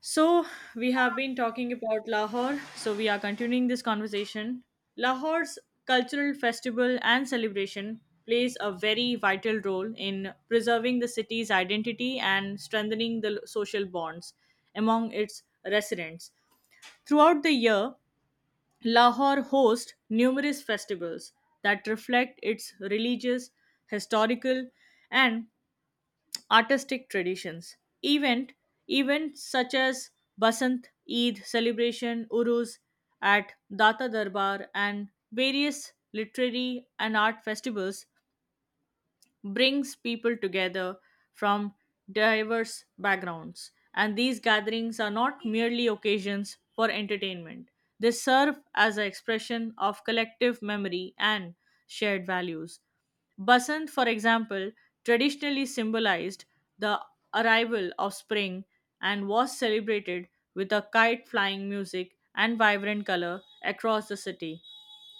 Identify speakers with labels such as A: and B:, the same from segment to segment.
A: So, we have been talking about Lahore, so we are continuing this conversation. Lahore's cultural festival and celebration plays a very vital role in preserving the city's identity and strengthening the social bonds among its residents. Throughout the year, Lahore hosts numerous festivals that reflect its religious, historical, and artistic traditions. Event events such as Basant, Eid celebration, Urus at Data Darbar, and various literary and art festivals brings people together from diverse backgrounds. And these gatherings are not merely occasions for entertainment, they serve as an expression of collective memory and shared values. Basant, for example, traditionally symbolized the arrival of spring and was celebrated with a kite flying music and vibrant color across the city.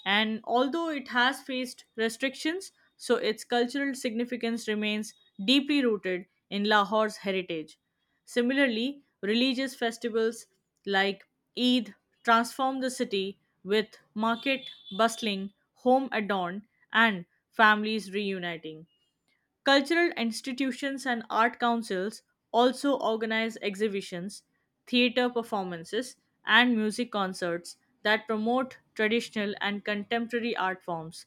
A: And although it has faced restrictions, so its cultural significance remains deeply rooted in Lahore's heritage. Similarly, religious festivals like Eid transform the city with market bustling, home adorned, and families reuniting. Cultural institutions and art councils also organize exhibitions, theater performances, and music concerts that promote traditional and contemporary art forms.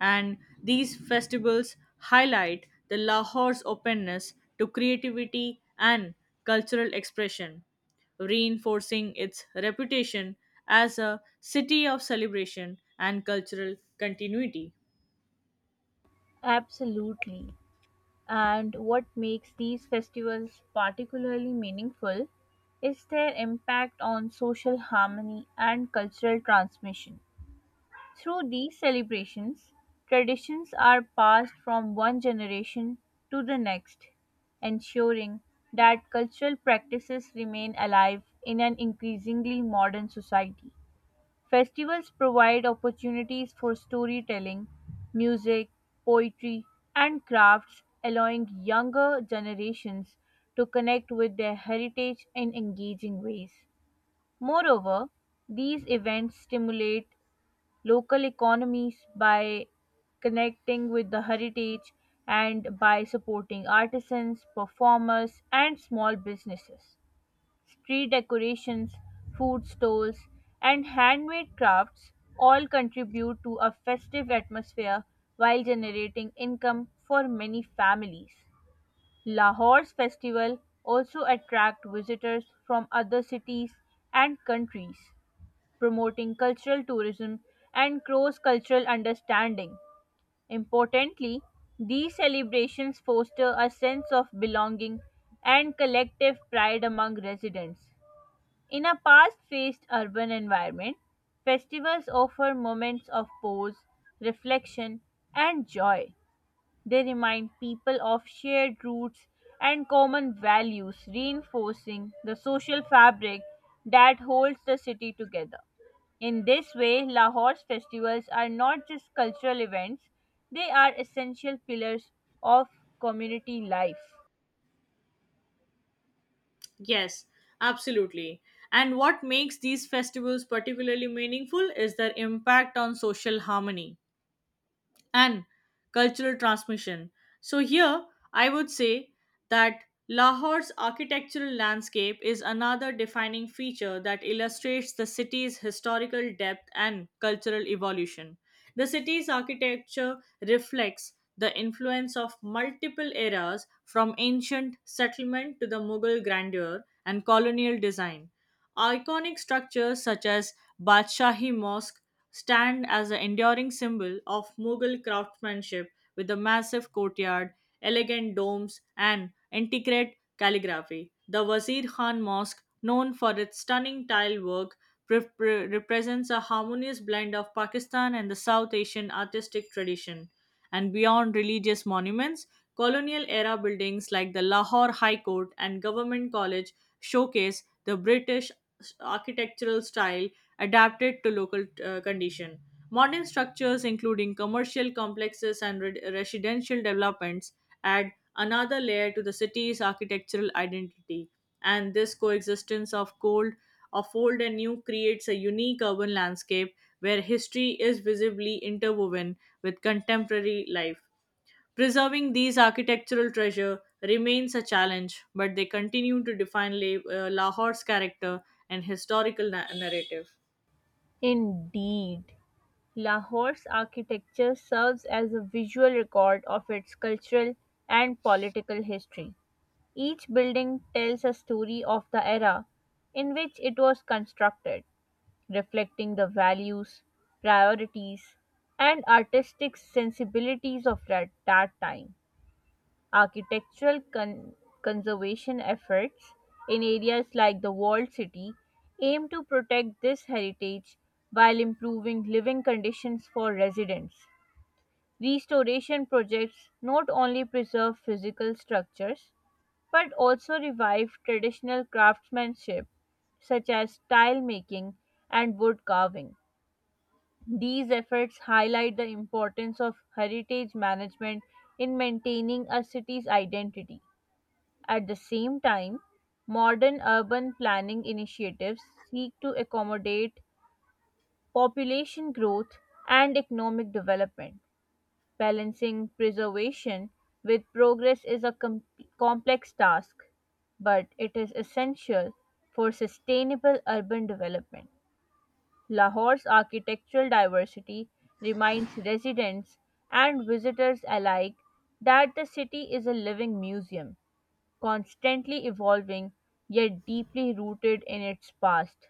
A: And these festivals highlight the Lahore's openness to creativity and cultural expression, reinforcing its reputation as a city of celebration and cultural continuity.
B: Absolutely. And what makes these festivals particularly meaningful is their impact on social harmony and cultural transmission. Through these celebrations, traditions are passed from one generation to the next, ensuring that cultural practices remain alive in an increasingly modern society. Festivals provide opportunities for storytelling, music, poetry, and crafts, allowing younger generations to connect with their heritage in engaging ways. Moreover, these events stimulate local economies by connecting with the heritage and by supporting artisans, performers, and small businesses, street decorations, food stalls, and handmade crafts all contribute to a festive atmosphere while generating income for many families. Lahore's festival also attract visitors from other cities and countries, promoting cultural tourism and cross cultural understanding. Importantly, these celebrations foster a sense of belonging and collective pride among residents. In a fast-paced urban environment, festivals offer moments of pause, reflection, and joy. They remind people of shared roots and common values, reinforcing the social fabric that holds the city together. In this way, Lahore's festivals are not just cultural events, they are essential pillars of community life.
A: Yes, absolutely. And what makes these festivals particularly meaningful is their impact on social harmony and cultural transmission. So, here I would say that Lahore's architectural landscape is another defining feature that illustrates the city's historical depth and cultural evolution. The city's architecture reflects the influence of multiple eras from ancient settlement to the Mughal grandeur and colonial design. Iconic structures such as Badshahi Mosque stand as an enduring symbol of Mughal craftsmanship with a massive courtyard, elegant domes, and intricate calligraphy. The Wazir Khan Mosque, known for its stunning tile work, represents a harmonious blend of Pakistan and the South Asian artistic tradition. And beyond religious monuments, colonial era buildings like the Lahore High Court and Government College showcase the British architectural style adapted to local condition. Modern structures, including commercial complexes and residential developments, add another layer to the city's architectural identity. And this coexistence of old and new creates a unique urban landscape where history is visibly interwoven with contemporary life. Preserving these architectural treasure remains a challenge, but they continue to define Lahore's character and historical narrative.
B: Indeed. Lahore's architecture serves as a visual record of its cultural and political history. Each building tells a story of the era in which it was constructed, reflecting the values, priorities, and artistic sensibilities of that time. Architectural conservation efforts in areas like the walled city aim to protect this heritage while improving living conditions for residents. Restoration projects not only preserve physical structures but also revive traditional craftsmanship such as tile making and wood carving. These efforts highlight the importance of heritage management in maintaining a city's identity. At the same time, modern urban planning initiatives seek to accommodate population growth and economic development. Balancing preservation with progress is a complex task, but it is essential for sustainable urban development. Lahore's architectural diversity reminds residents and visitors alike that the city is a living museum, constantly evolving yet deeply rooted in its past.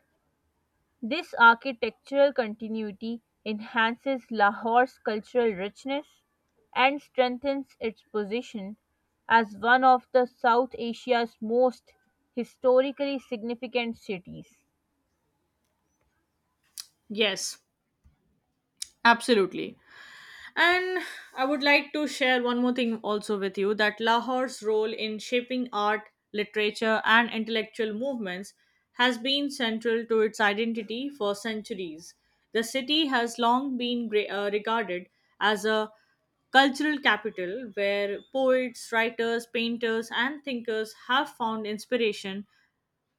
B: This architectural continuity enhances Lahore's cultural richness and strengthens its position as one of the South Asia's most historically significant cities.
A: Yes, absolutely. And I would like to share one more thing also with you that Lahore's role in shaping art, literature, and intellectual movements has been central to its identity for centuries. The city has long been regarded as a cultural capital where poets, writers, painters, and thinkers have found inspiration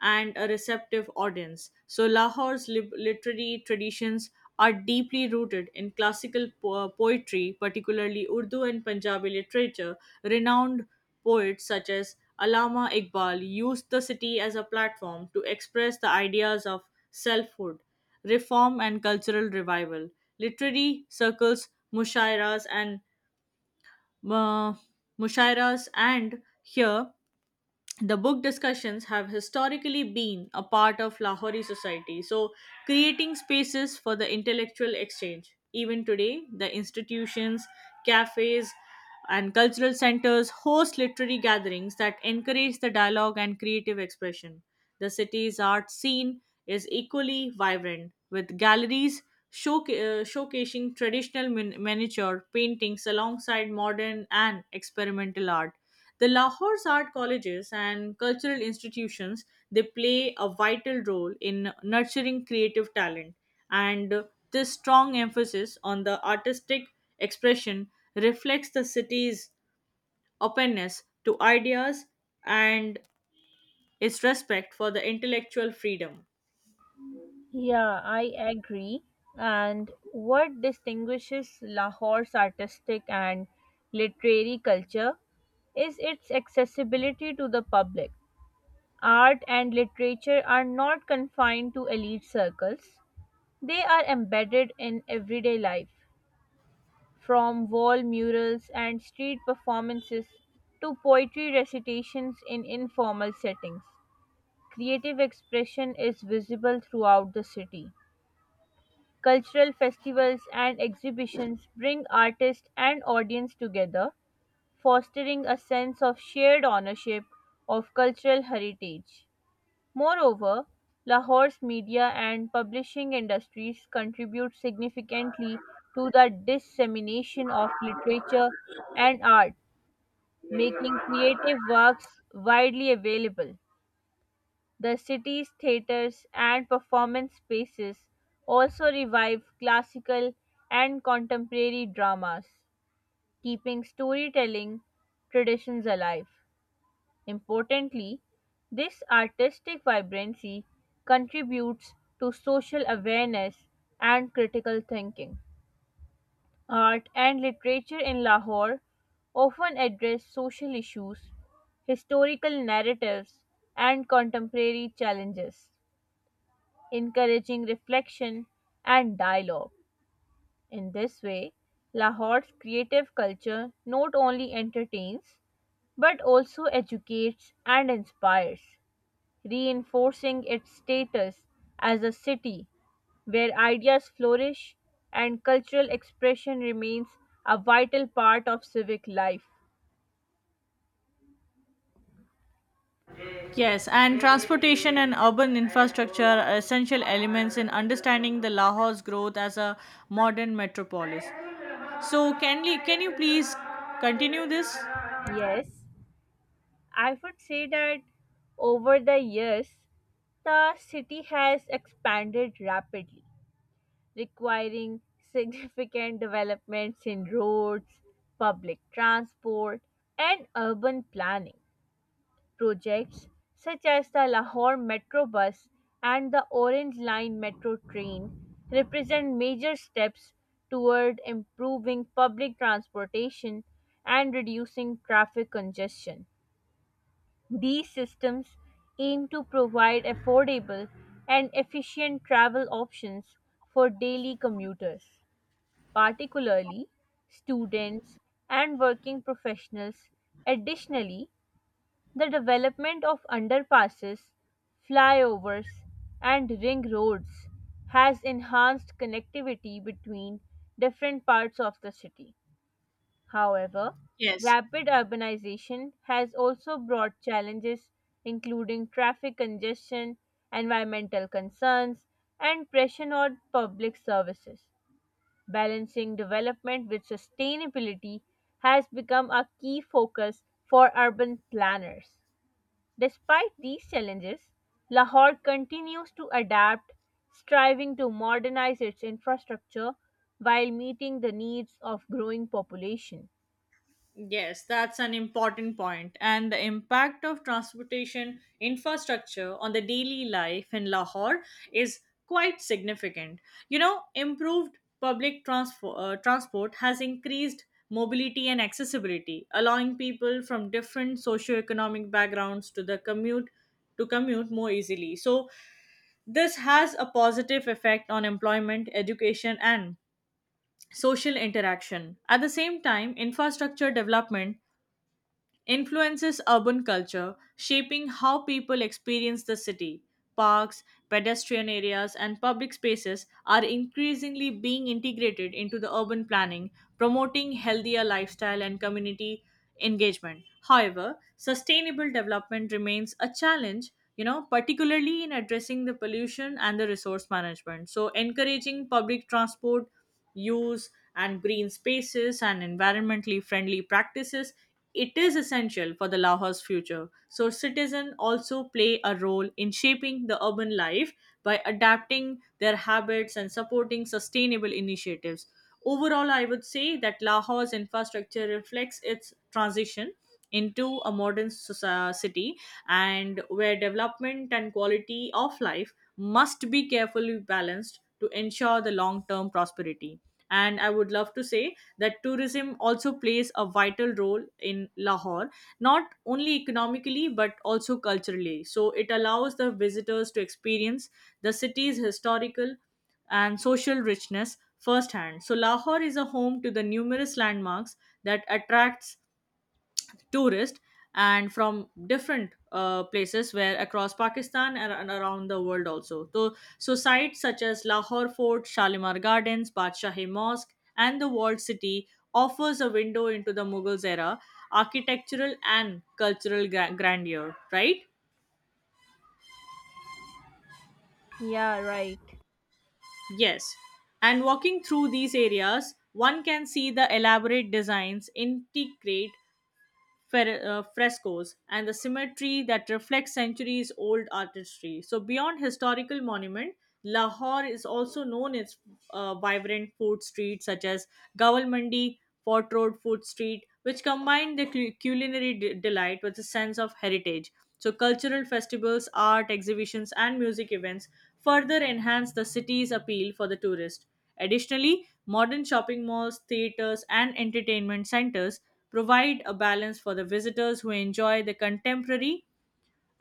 A: and a receptive audience. So, Lahore's literary traditions are deeply rooted in classical poetry, particularly Urdu and Punjabi literature. Renowned poets such as Allama Iqbal used the city as a platform to express the ideas of selfhood, reform, and cultural revival. Literary circles, mushairas, and uh, here the book discussions have historically been a part of Lahori society, so creating spaces for the intellectual exchange. Even today, the institutions, cafes, and cultural centers host literary gatherings that encourage the dialogue and creative expression. The city's art scene is equally vibrant, with galleries showcasing traditional miniature paintings alongside modern and experimental art. The Lahore's art colleges and cultural institutions they play a vital role in nurturing creative talent and this strong emphasis on the artistic expression reflects the city's openness to ideas and its respect for the intellectual freedom.
B: Yeah, I agree. And what distinguishes Lahore's artistic and literary culture is its accessibility to the public. Art and literature are not confined to elite circles, they are embedded in everyday life, from wall murals and street performances to poetry recitations in informal settings. Creative expression is visible throughout the city. Cultural festivals and exhibitions bring artist and audience together, fostering a sense of shared ownership of cultural heritage. Moreover, Lahore's media and publishing industries contribute significantly to the dissemination of literature and art, making creative works widely available. The city's theaters and performance spaces also revive classical and contemporary dramas, keeping storytelling traditions alive. Importantly, this artistic vibrancy contributes to social awareness and critical thinking. Art and literature in Lahore often address social issues, historical narratives, and contemporary challenges, encouraging reflection and dialogue. In this way, Lahore's creative culture not only entertains but also educates and inspires, reinforcing its status as a city where ideas flourish and cultural expression remains a vital part of civic life.
A: Yes, and transportation and urban infrastructure are essential elements in understanding the Lahore's growth as a modern metropolis. So can you please continue this?
B: Yes, I would say that over the years, the city has expanded rapidly, requiring significant developments in roads, public transport, and urban planning. Projects such as the Lahore Metro Bus and the Orange Line Metro train represent major steps toward improving public transportation and reducing traffic congestion. These systems aim to provide affordable and efficient travel options for daily commuters, particularly students and working professionals. Additionally, the development of underpasses, flyovers, and ring roads has enhanced connectivity between different parts of the city. However,
A: Yes.
B: rapid urbanization has also brought challenges, including traffic congestion, environmental concerns, and pressure on public services. Balancing development with sustainability has become a key focus for urban planners. Despite these challenges, Lahore continues to adapt, striving to modernize its infrastructure while meeting the needs of growing population.
A: Yes, that's an important point. And the impact of transportation infrastructure on the daily life in Lahore is quite significant. You know, improved transport has increased mobility and accessibility, allowing people from different socioeconomic backgrounds to commute more easily. So this has a positive effect on employment, education, and social interaction. At the same time, infrastructure development influences urban culture, shaping how people experience the city. Parks, pedestrian areas, and public spaces are increasingly being integrated into the urban planning, promoting healthier lifestyle and community engagement. However, sustainable development remains a challenge, you know, particularly in addressing the pollution and the resource management. So, encouraging public transport use and green spaces and environmentally friendly practices it is essential for the Lahore's future. So citizens also play a role in shaping the urban life by adapting their habits and supporting sustainable initiatives. Overall, I would say that Lahore's infrastructure reflects its transition into a modern city and where development and quality of life must be carefully balanced to ensure the long term prosperity and I would love to say that tourism also plays a vital role in Lahore, not only economically but also culturally. So it allows the visitors to experience the city's historical and social richness firsthand. So Lahore is a home to the numerous landmarks that attracts tourists and from different places where across Pakistan and around the world also so, so sites such as Lahore Fort, Shalimar Gardens, Badshahi Mosque, and the walled city offers a window into the Mughals era architectural and cultural grandeur, right?
B: Yeah, right.
A: Yes, and walking through these areas one can see the elaborate designs, intricate frescoes and the symmetry that reflects centuries old artistry. So, beyond historical monument, Lahore is also known its vibrant food streets such as Gawal Mandi, Fort Road Food Street, which combine the culinary delight with a sense of heritage. So, cultural festivals, art exhibitions, and music events further enhance the city's appeal for the tourist. Additionally, modern shopping malls, theaters, and entertainment centers provide a balance for the visitors who enjoy the contemporary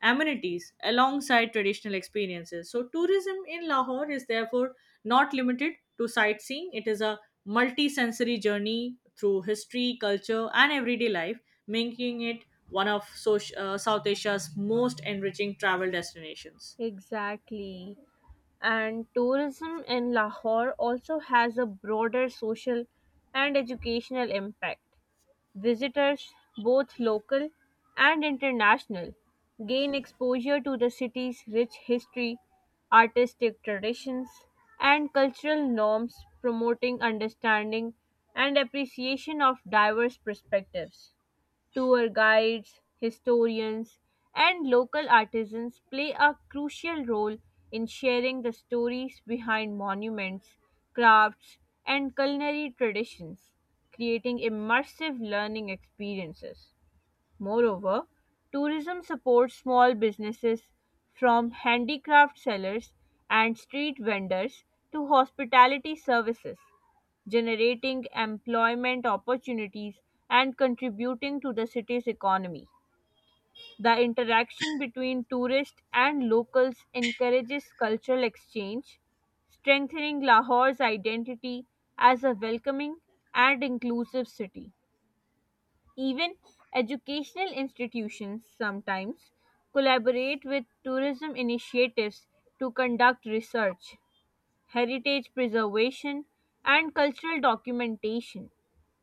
A: amenities alongside traditional experiences. So, tourism in Lahore is therefore not limited to sightseeing, it is a multi sensory journey through history, culture, and everyday life, making it one of South Asia's most enriching travel destinations.
B: Exactly. And tourism in Lahore also has a broader social and educational impact. Visitors, both local and international, gain exposure to the city's rich history, artistic traditions, and cultural norms, promoting understanding and appreciation of diverse perspectives. Tour guides, historians, and local artisans play a crucial role in sharing the stories behind monuments, crafts, and culinary traditions, creating immersive learning experiences. Moreover, tourism supports small businesses, from handicraft sellers and street vendors to hospitality services, generating employment opportunities and contributing to the city's economy. The interaction between tourists and locals encourages cultural exchange, strengthening Lahore's identity as a welcoming and inclusive city. Even educational institutions sometimes collaborate with tourism initiatives to conduct research, heritage preservation, and cultural documentation,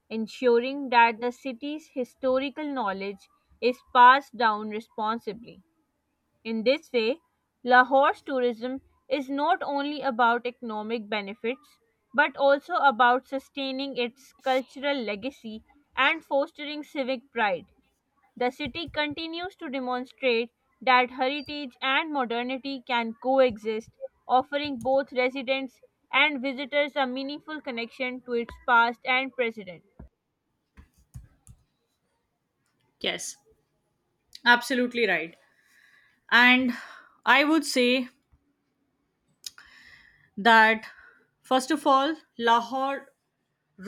B: ensuring that the city's historical knowledge is passed down responsibly. In this way, Lahore's tourism is not only about economic benefits but also about sustaining its cultural legacy and fostering civic pride. The city continues to demonstrate that heritage and modernity can coexist, offering both residents and visitors a meaningful connection to its past and present.
A: Yes, absolutely right. And I would say that first of all Lahore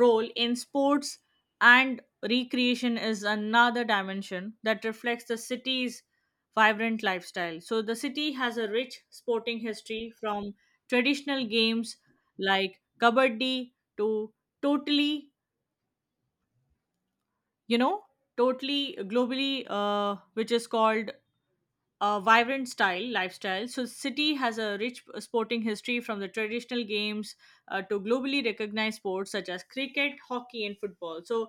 A: role in sports and recreation is another dimension that reflects the city's vibrant lifestyle so the city has a rich sporting history from traditional games like kabaddi to totally you know totally globally which is called a vibrant style lifestyle. So City has a rich sporting history from the traditional games to globally recognized sports such as cricket, hockey, and football. So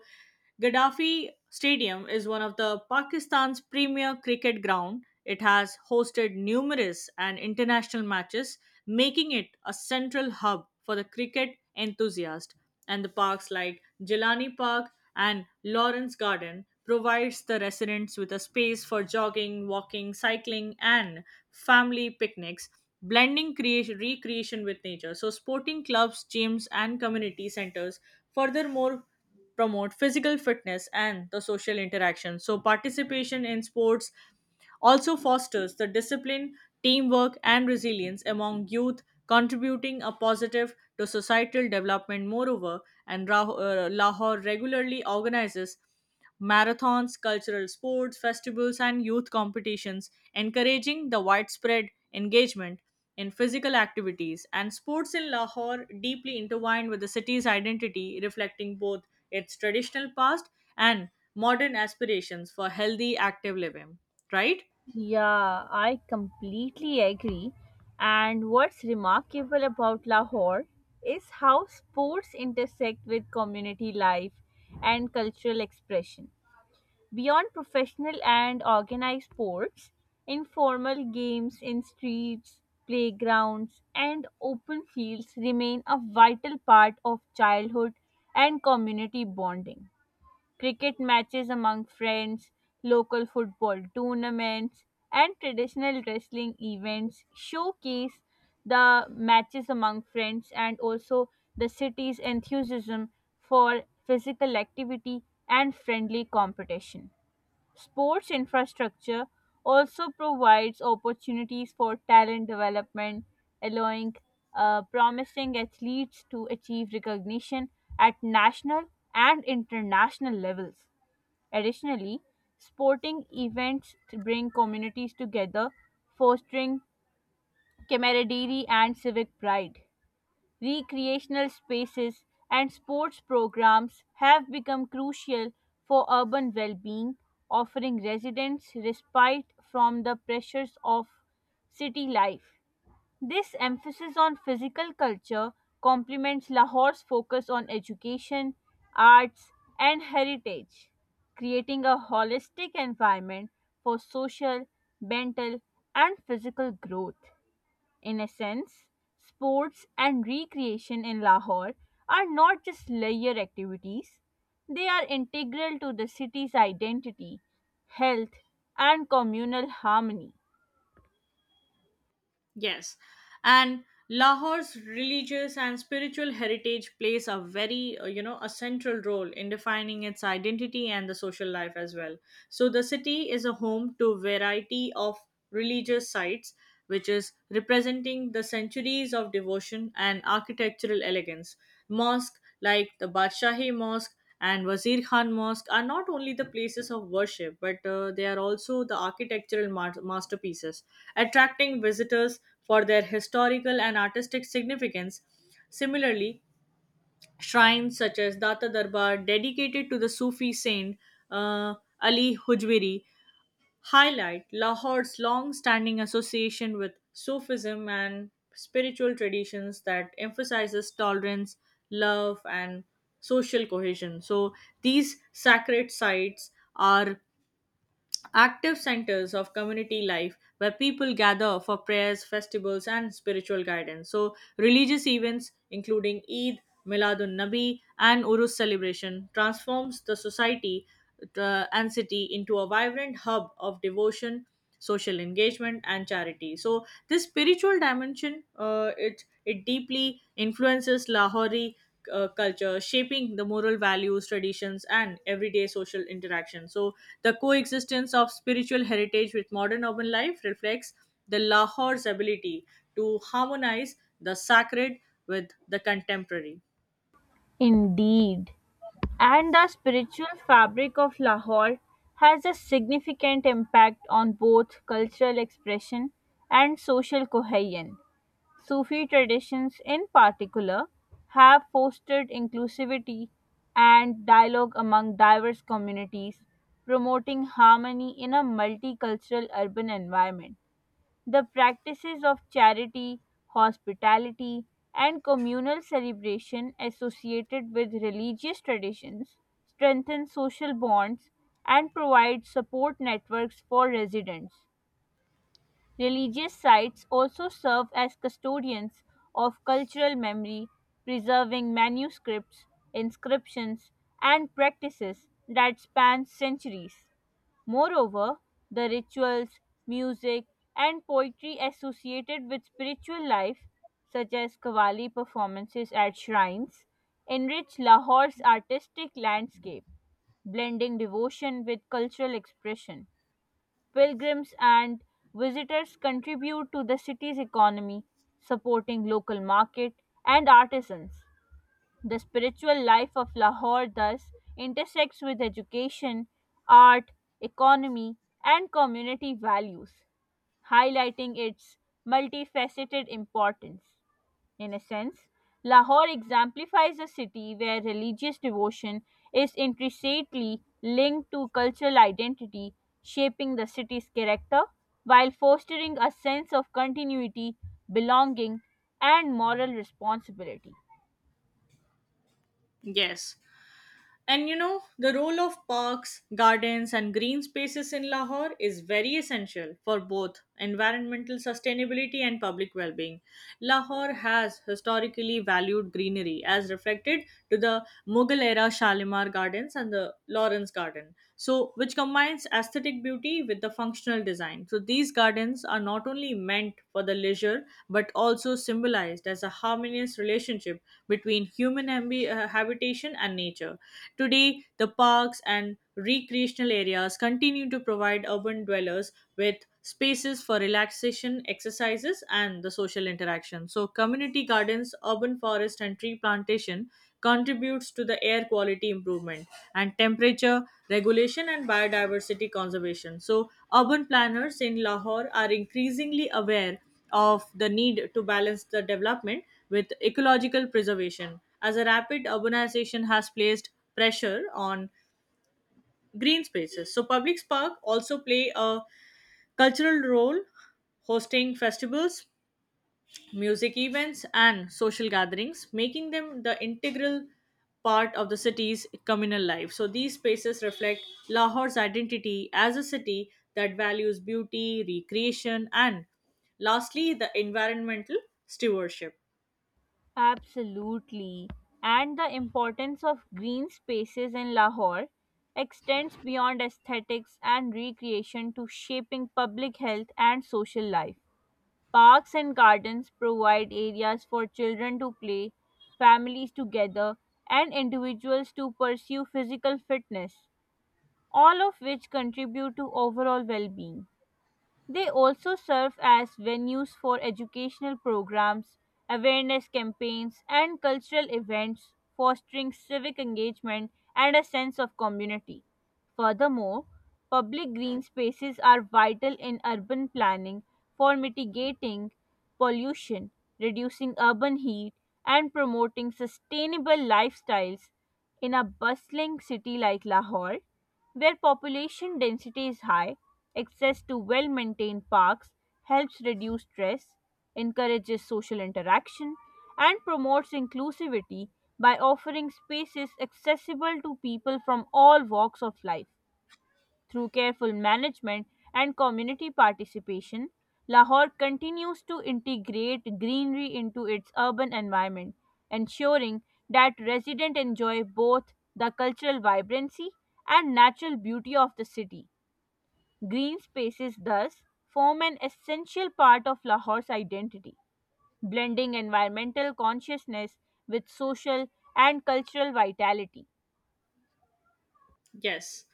A: Gaddafi Stadium is one of the Pakistan's premier cricket ground. It has hosted numerous and international matches, making it a central hub for the cricket enthusiast. And the parks like Jilani Park and Lawrence Garden provides the residents with a space for jogging, walking, cycling, and family picnics, blending creation, recreation with nature. So, sporting clubs, gyms, and community centers furthermore promote physical fitness and the social interaction. So, participation in sports also fosters the discipline, teamwork, and resilience among youth, contributing a positive to societal development. Moreover, Lahore regularly organizes marathons, cultural sports, festivals, and youth competitions, encouraging the widespread engagement in physical activities. And sports in Lahore deeply intertwined with the city's identity, reflecting both its traditional past and modern aspirations for healthy, active living. Right?
B: Yeah, I completely agree. And what's remarkable about Lahore is how sports intersect with community life and cultural expression. Beyond professional and organized sports, informal games in streets, playgrounds, and open fields remain a vital part of childhood and community bonding. Cricket matches among friends, local football tournaments, and traditional wrestling events showcase the matches among friends and also the city's enthusiasm for physical activity and friendly competition. Sports infrastructure also provides opportunities for talent development, allowing promising athletes to achieve recognition at national and international levels. Additionally, sporting events bring communities together, fostering camaraderie and civic pride. Recreational spaces and sports programs have become crucial for urban well being, offering residents respite from the pressures of city life. This emphasis on physical culture complements Lahore's focus on education, arts, and heritage, creating a holistic environment for social, mental, and physical growth. In Innocence, sports, and recreation in Lahore are not just leisure activities, they are integral to the city's identity, health, and communal harmony.
A: Yes, and Lahore's religious and spiritual heritage plays a very, a central role in defining its identity and the social life as well. So the city is a home to variety of religious sites which is representing the centuries of devotion and architectural elegance. Mosques like the Badshahi Mosque and Wazir Khan Mosque are not only the places of worship, but they are also the architectural masterpieces, attracting visitors for their historical and artistic significance. Similarly, shrines such as Data Darbar, dedicated to the Sufi saint uh, Ali Hujwiri, highlight Lahore's long standing association with Sufism and spiritual traditions that emphasizes tolerance, love, and social cohesion. So, these sacred sites are active centers of community life where people gather for prayers, festivals, and spiritual guidance. So, religious events including Eid, Miladun Nabi, and Urus celebration transforms the society and city into a vibrant hub of devotion, social engagement, and charity. So this spiritual dimension it deeply influences Lahori culture, shaping the moral values, traditions, and everyday social interaction. So the coexistence of spiritual heritage with modern urban life reflects the Lahore's ability to harmonize the sacred with the contemporary.
B: Indeed, and the spiritual fabric of Lahore has a significant impact on both cultural expression and social cohesion. Sufi traditions, in particular, have fostered inclusivity and dialogue among diverse communities, promoting harmony in a multicultural urban environment. The practices of charity, hospitality, and communal celebration associated with religious traditions strengthen social bonds and provide support networks for residents. Religious sites also serve as custodians of cultural memory, preserving manuscripts, inscriptions, and practices that span centuries. Moreover, the rituals, music, and poetry associated with spiritual life, such as Qawwali performances at shrines, enrich Lahore's artistic landscape, blending devotion with cultural expression. Pilgrims and visitors contribute to the city's economy, supporting local market and artisans. The spiritual life of Lahore thus intersects with education, art, economy, and community values, highlighting its multifaceted importance. In a sense, Lahore exemplifies a city where religious devotion is intrinsically linked to cultural identity, shaping the city's character while fostering a sense of continuity, belonging, and moral responsibility.
A: Yes. And you know, the role of parks, gardens, and green spaces in Lahore is very essential for both environmental sustainability and public well being. Lahore has historically valued greenery, as reflected to the Mughal era Shalimar Gardens and the Lawrence Garden, so which combines aesthetic beauty with the functional design. So these gardens are not only meant for the leisure but also symbolized as a harmonious relationship between human habitation and nature. Today, the parks and recreational areas continue to provide urban dwellers with spaces for relaxation, exercises, and the social interaction. So, community gardens, urban forest, and tree plantation contributes to the air quality improvement and temperature regulation and biodiversity conservation. So, urban planners in Lahore are increasingly aware of the need to balance the development with ecological preservation as a rapid urbanization has placed pressure on green spaces, so public park also play a cultural role, hosting festivals, music events, and social gatherings, making them the integral part of the city's communal life. So these spaces reflect Lahore's identity as a city that values beauty, recreation, and lastly, the environmental stewardship.
B: Absolutely. And the importance of green spaces in Lahore extends beyond aesthetics and recreation to shaping public health and social life. Parks and gardens provide areas for children to play, families to gather, and individuals to pursue physical fitness, all of which contribute to overall well being. They also serve as venues for educational programs, awareness campaigns, and cultural events, fostering civic engagement and a sense of community. Furthermore, public green spaces are vital in urban planning for mitigating pollution, reducing urban heat, and promoting sustainable lifestyles. In a bustling city like Lahore, where population density is high, access to well maintained parks helps reduce stress, encourages social interaction, and promotes inclusivity by offering spaces accessible to people from all walks of life. Through careful management and community participation, Lahore continues to integrate greenery into its urban environment, ensuring that residents enjoy both the cultural vibrancy and natural beauty of the city. Green spaces thus form an essential part of Lahore's identity, blending environmental consciousness with social and cultural vitality.
A: Yes.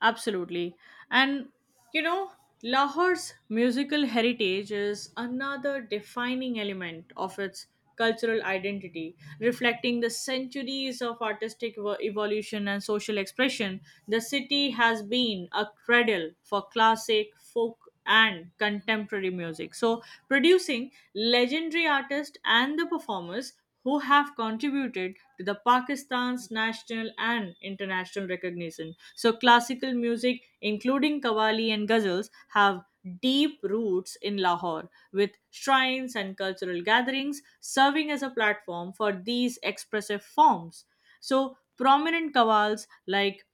A: Absolutely. And you know, Lahore's musical heritage is another defining element of its cultural identity, reflecting the centuries of artistic evolution and social expression. The city has been a cradle for classic, folk, and contemporary music. So, producing legendary artists and the performers who have contributed to the Pakistan's national and international recognition. So classical music, including Qawwali and ghazals, have deep roots in Lahore, with shrines and cultural gatherings serving as a platform for these expressive forms. So prominent qawwals like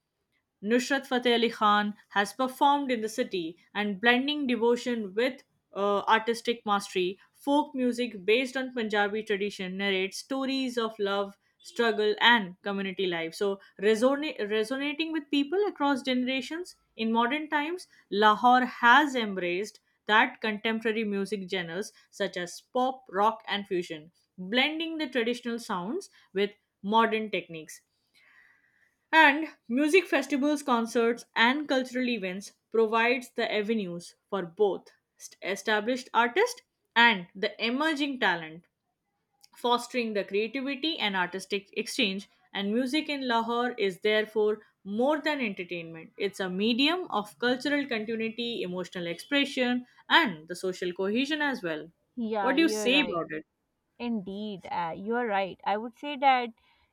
A: Nusrat Fateh Ali Khan has performed in the city and blending devotion with artistic mastery. Folk music based on Punjabi tradition narrates stories of love, struggle, and community life. So, resonating with people across generations, in modern times, Lahore has embraced that contemporary music genres such as pop, rock, and fusion, blending the traditional sounds with modern techniques. And music festivals, concerts, and cultural events provides the avenues for both established artists and the emerging talent, fostering the creativity and artistic exchange. And music in Lahore is therefore more than entertainment. It's a medium of cultural continuity, emotional expression, and the social cohesion as well.
B: Yeah,
A: What do you
B: you're
A: say
B: right.
A: about it?
B: Indeed, you're right. I would say that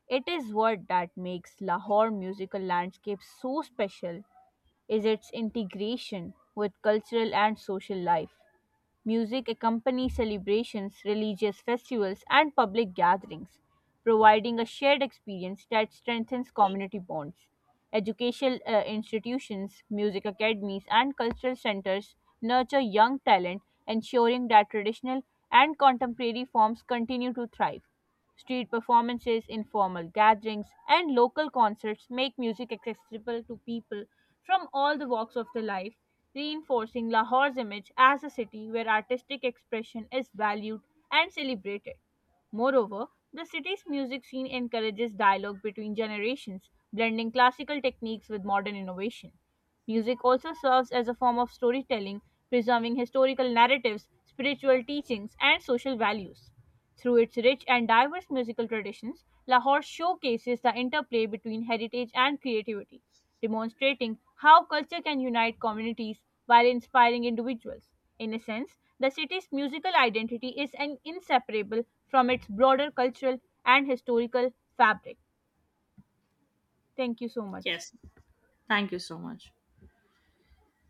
B: it is what that makes Lahore musical landscape so special is its integration with cultural and social life. Music accompanies celebrations, religious festivals, and public gatherings, providing a shared experience that strengthens community bonds. Educational institutions, music academies, and cultural centers nurture young talent, ensuring that traditional and contemporary forms continue to thrive. Street performances, informal gatherings, and local concerts make music accessible to people from all the walks of the life, reinforcing Lahore's image as a city where artistic expression is valued and celebrated. Moreover, the city's music scene encourages dialogue between generations, blending classical techniques with modern innovation. Music also serves as a form of storytelling, preserving historical narratives, spiritual teachings, and social values. Through its rich and diverse musical traditions, Lahore showcases the interplay between heritage and creativity, demonstrating how culture can unite communities while inspiring individuals. In a sense, the city's musical identity is an inseparable from its broader cultural and historical fabric. Thank you so much.
A: Yes. Thank you so much.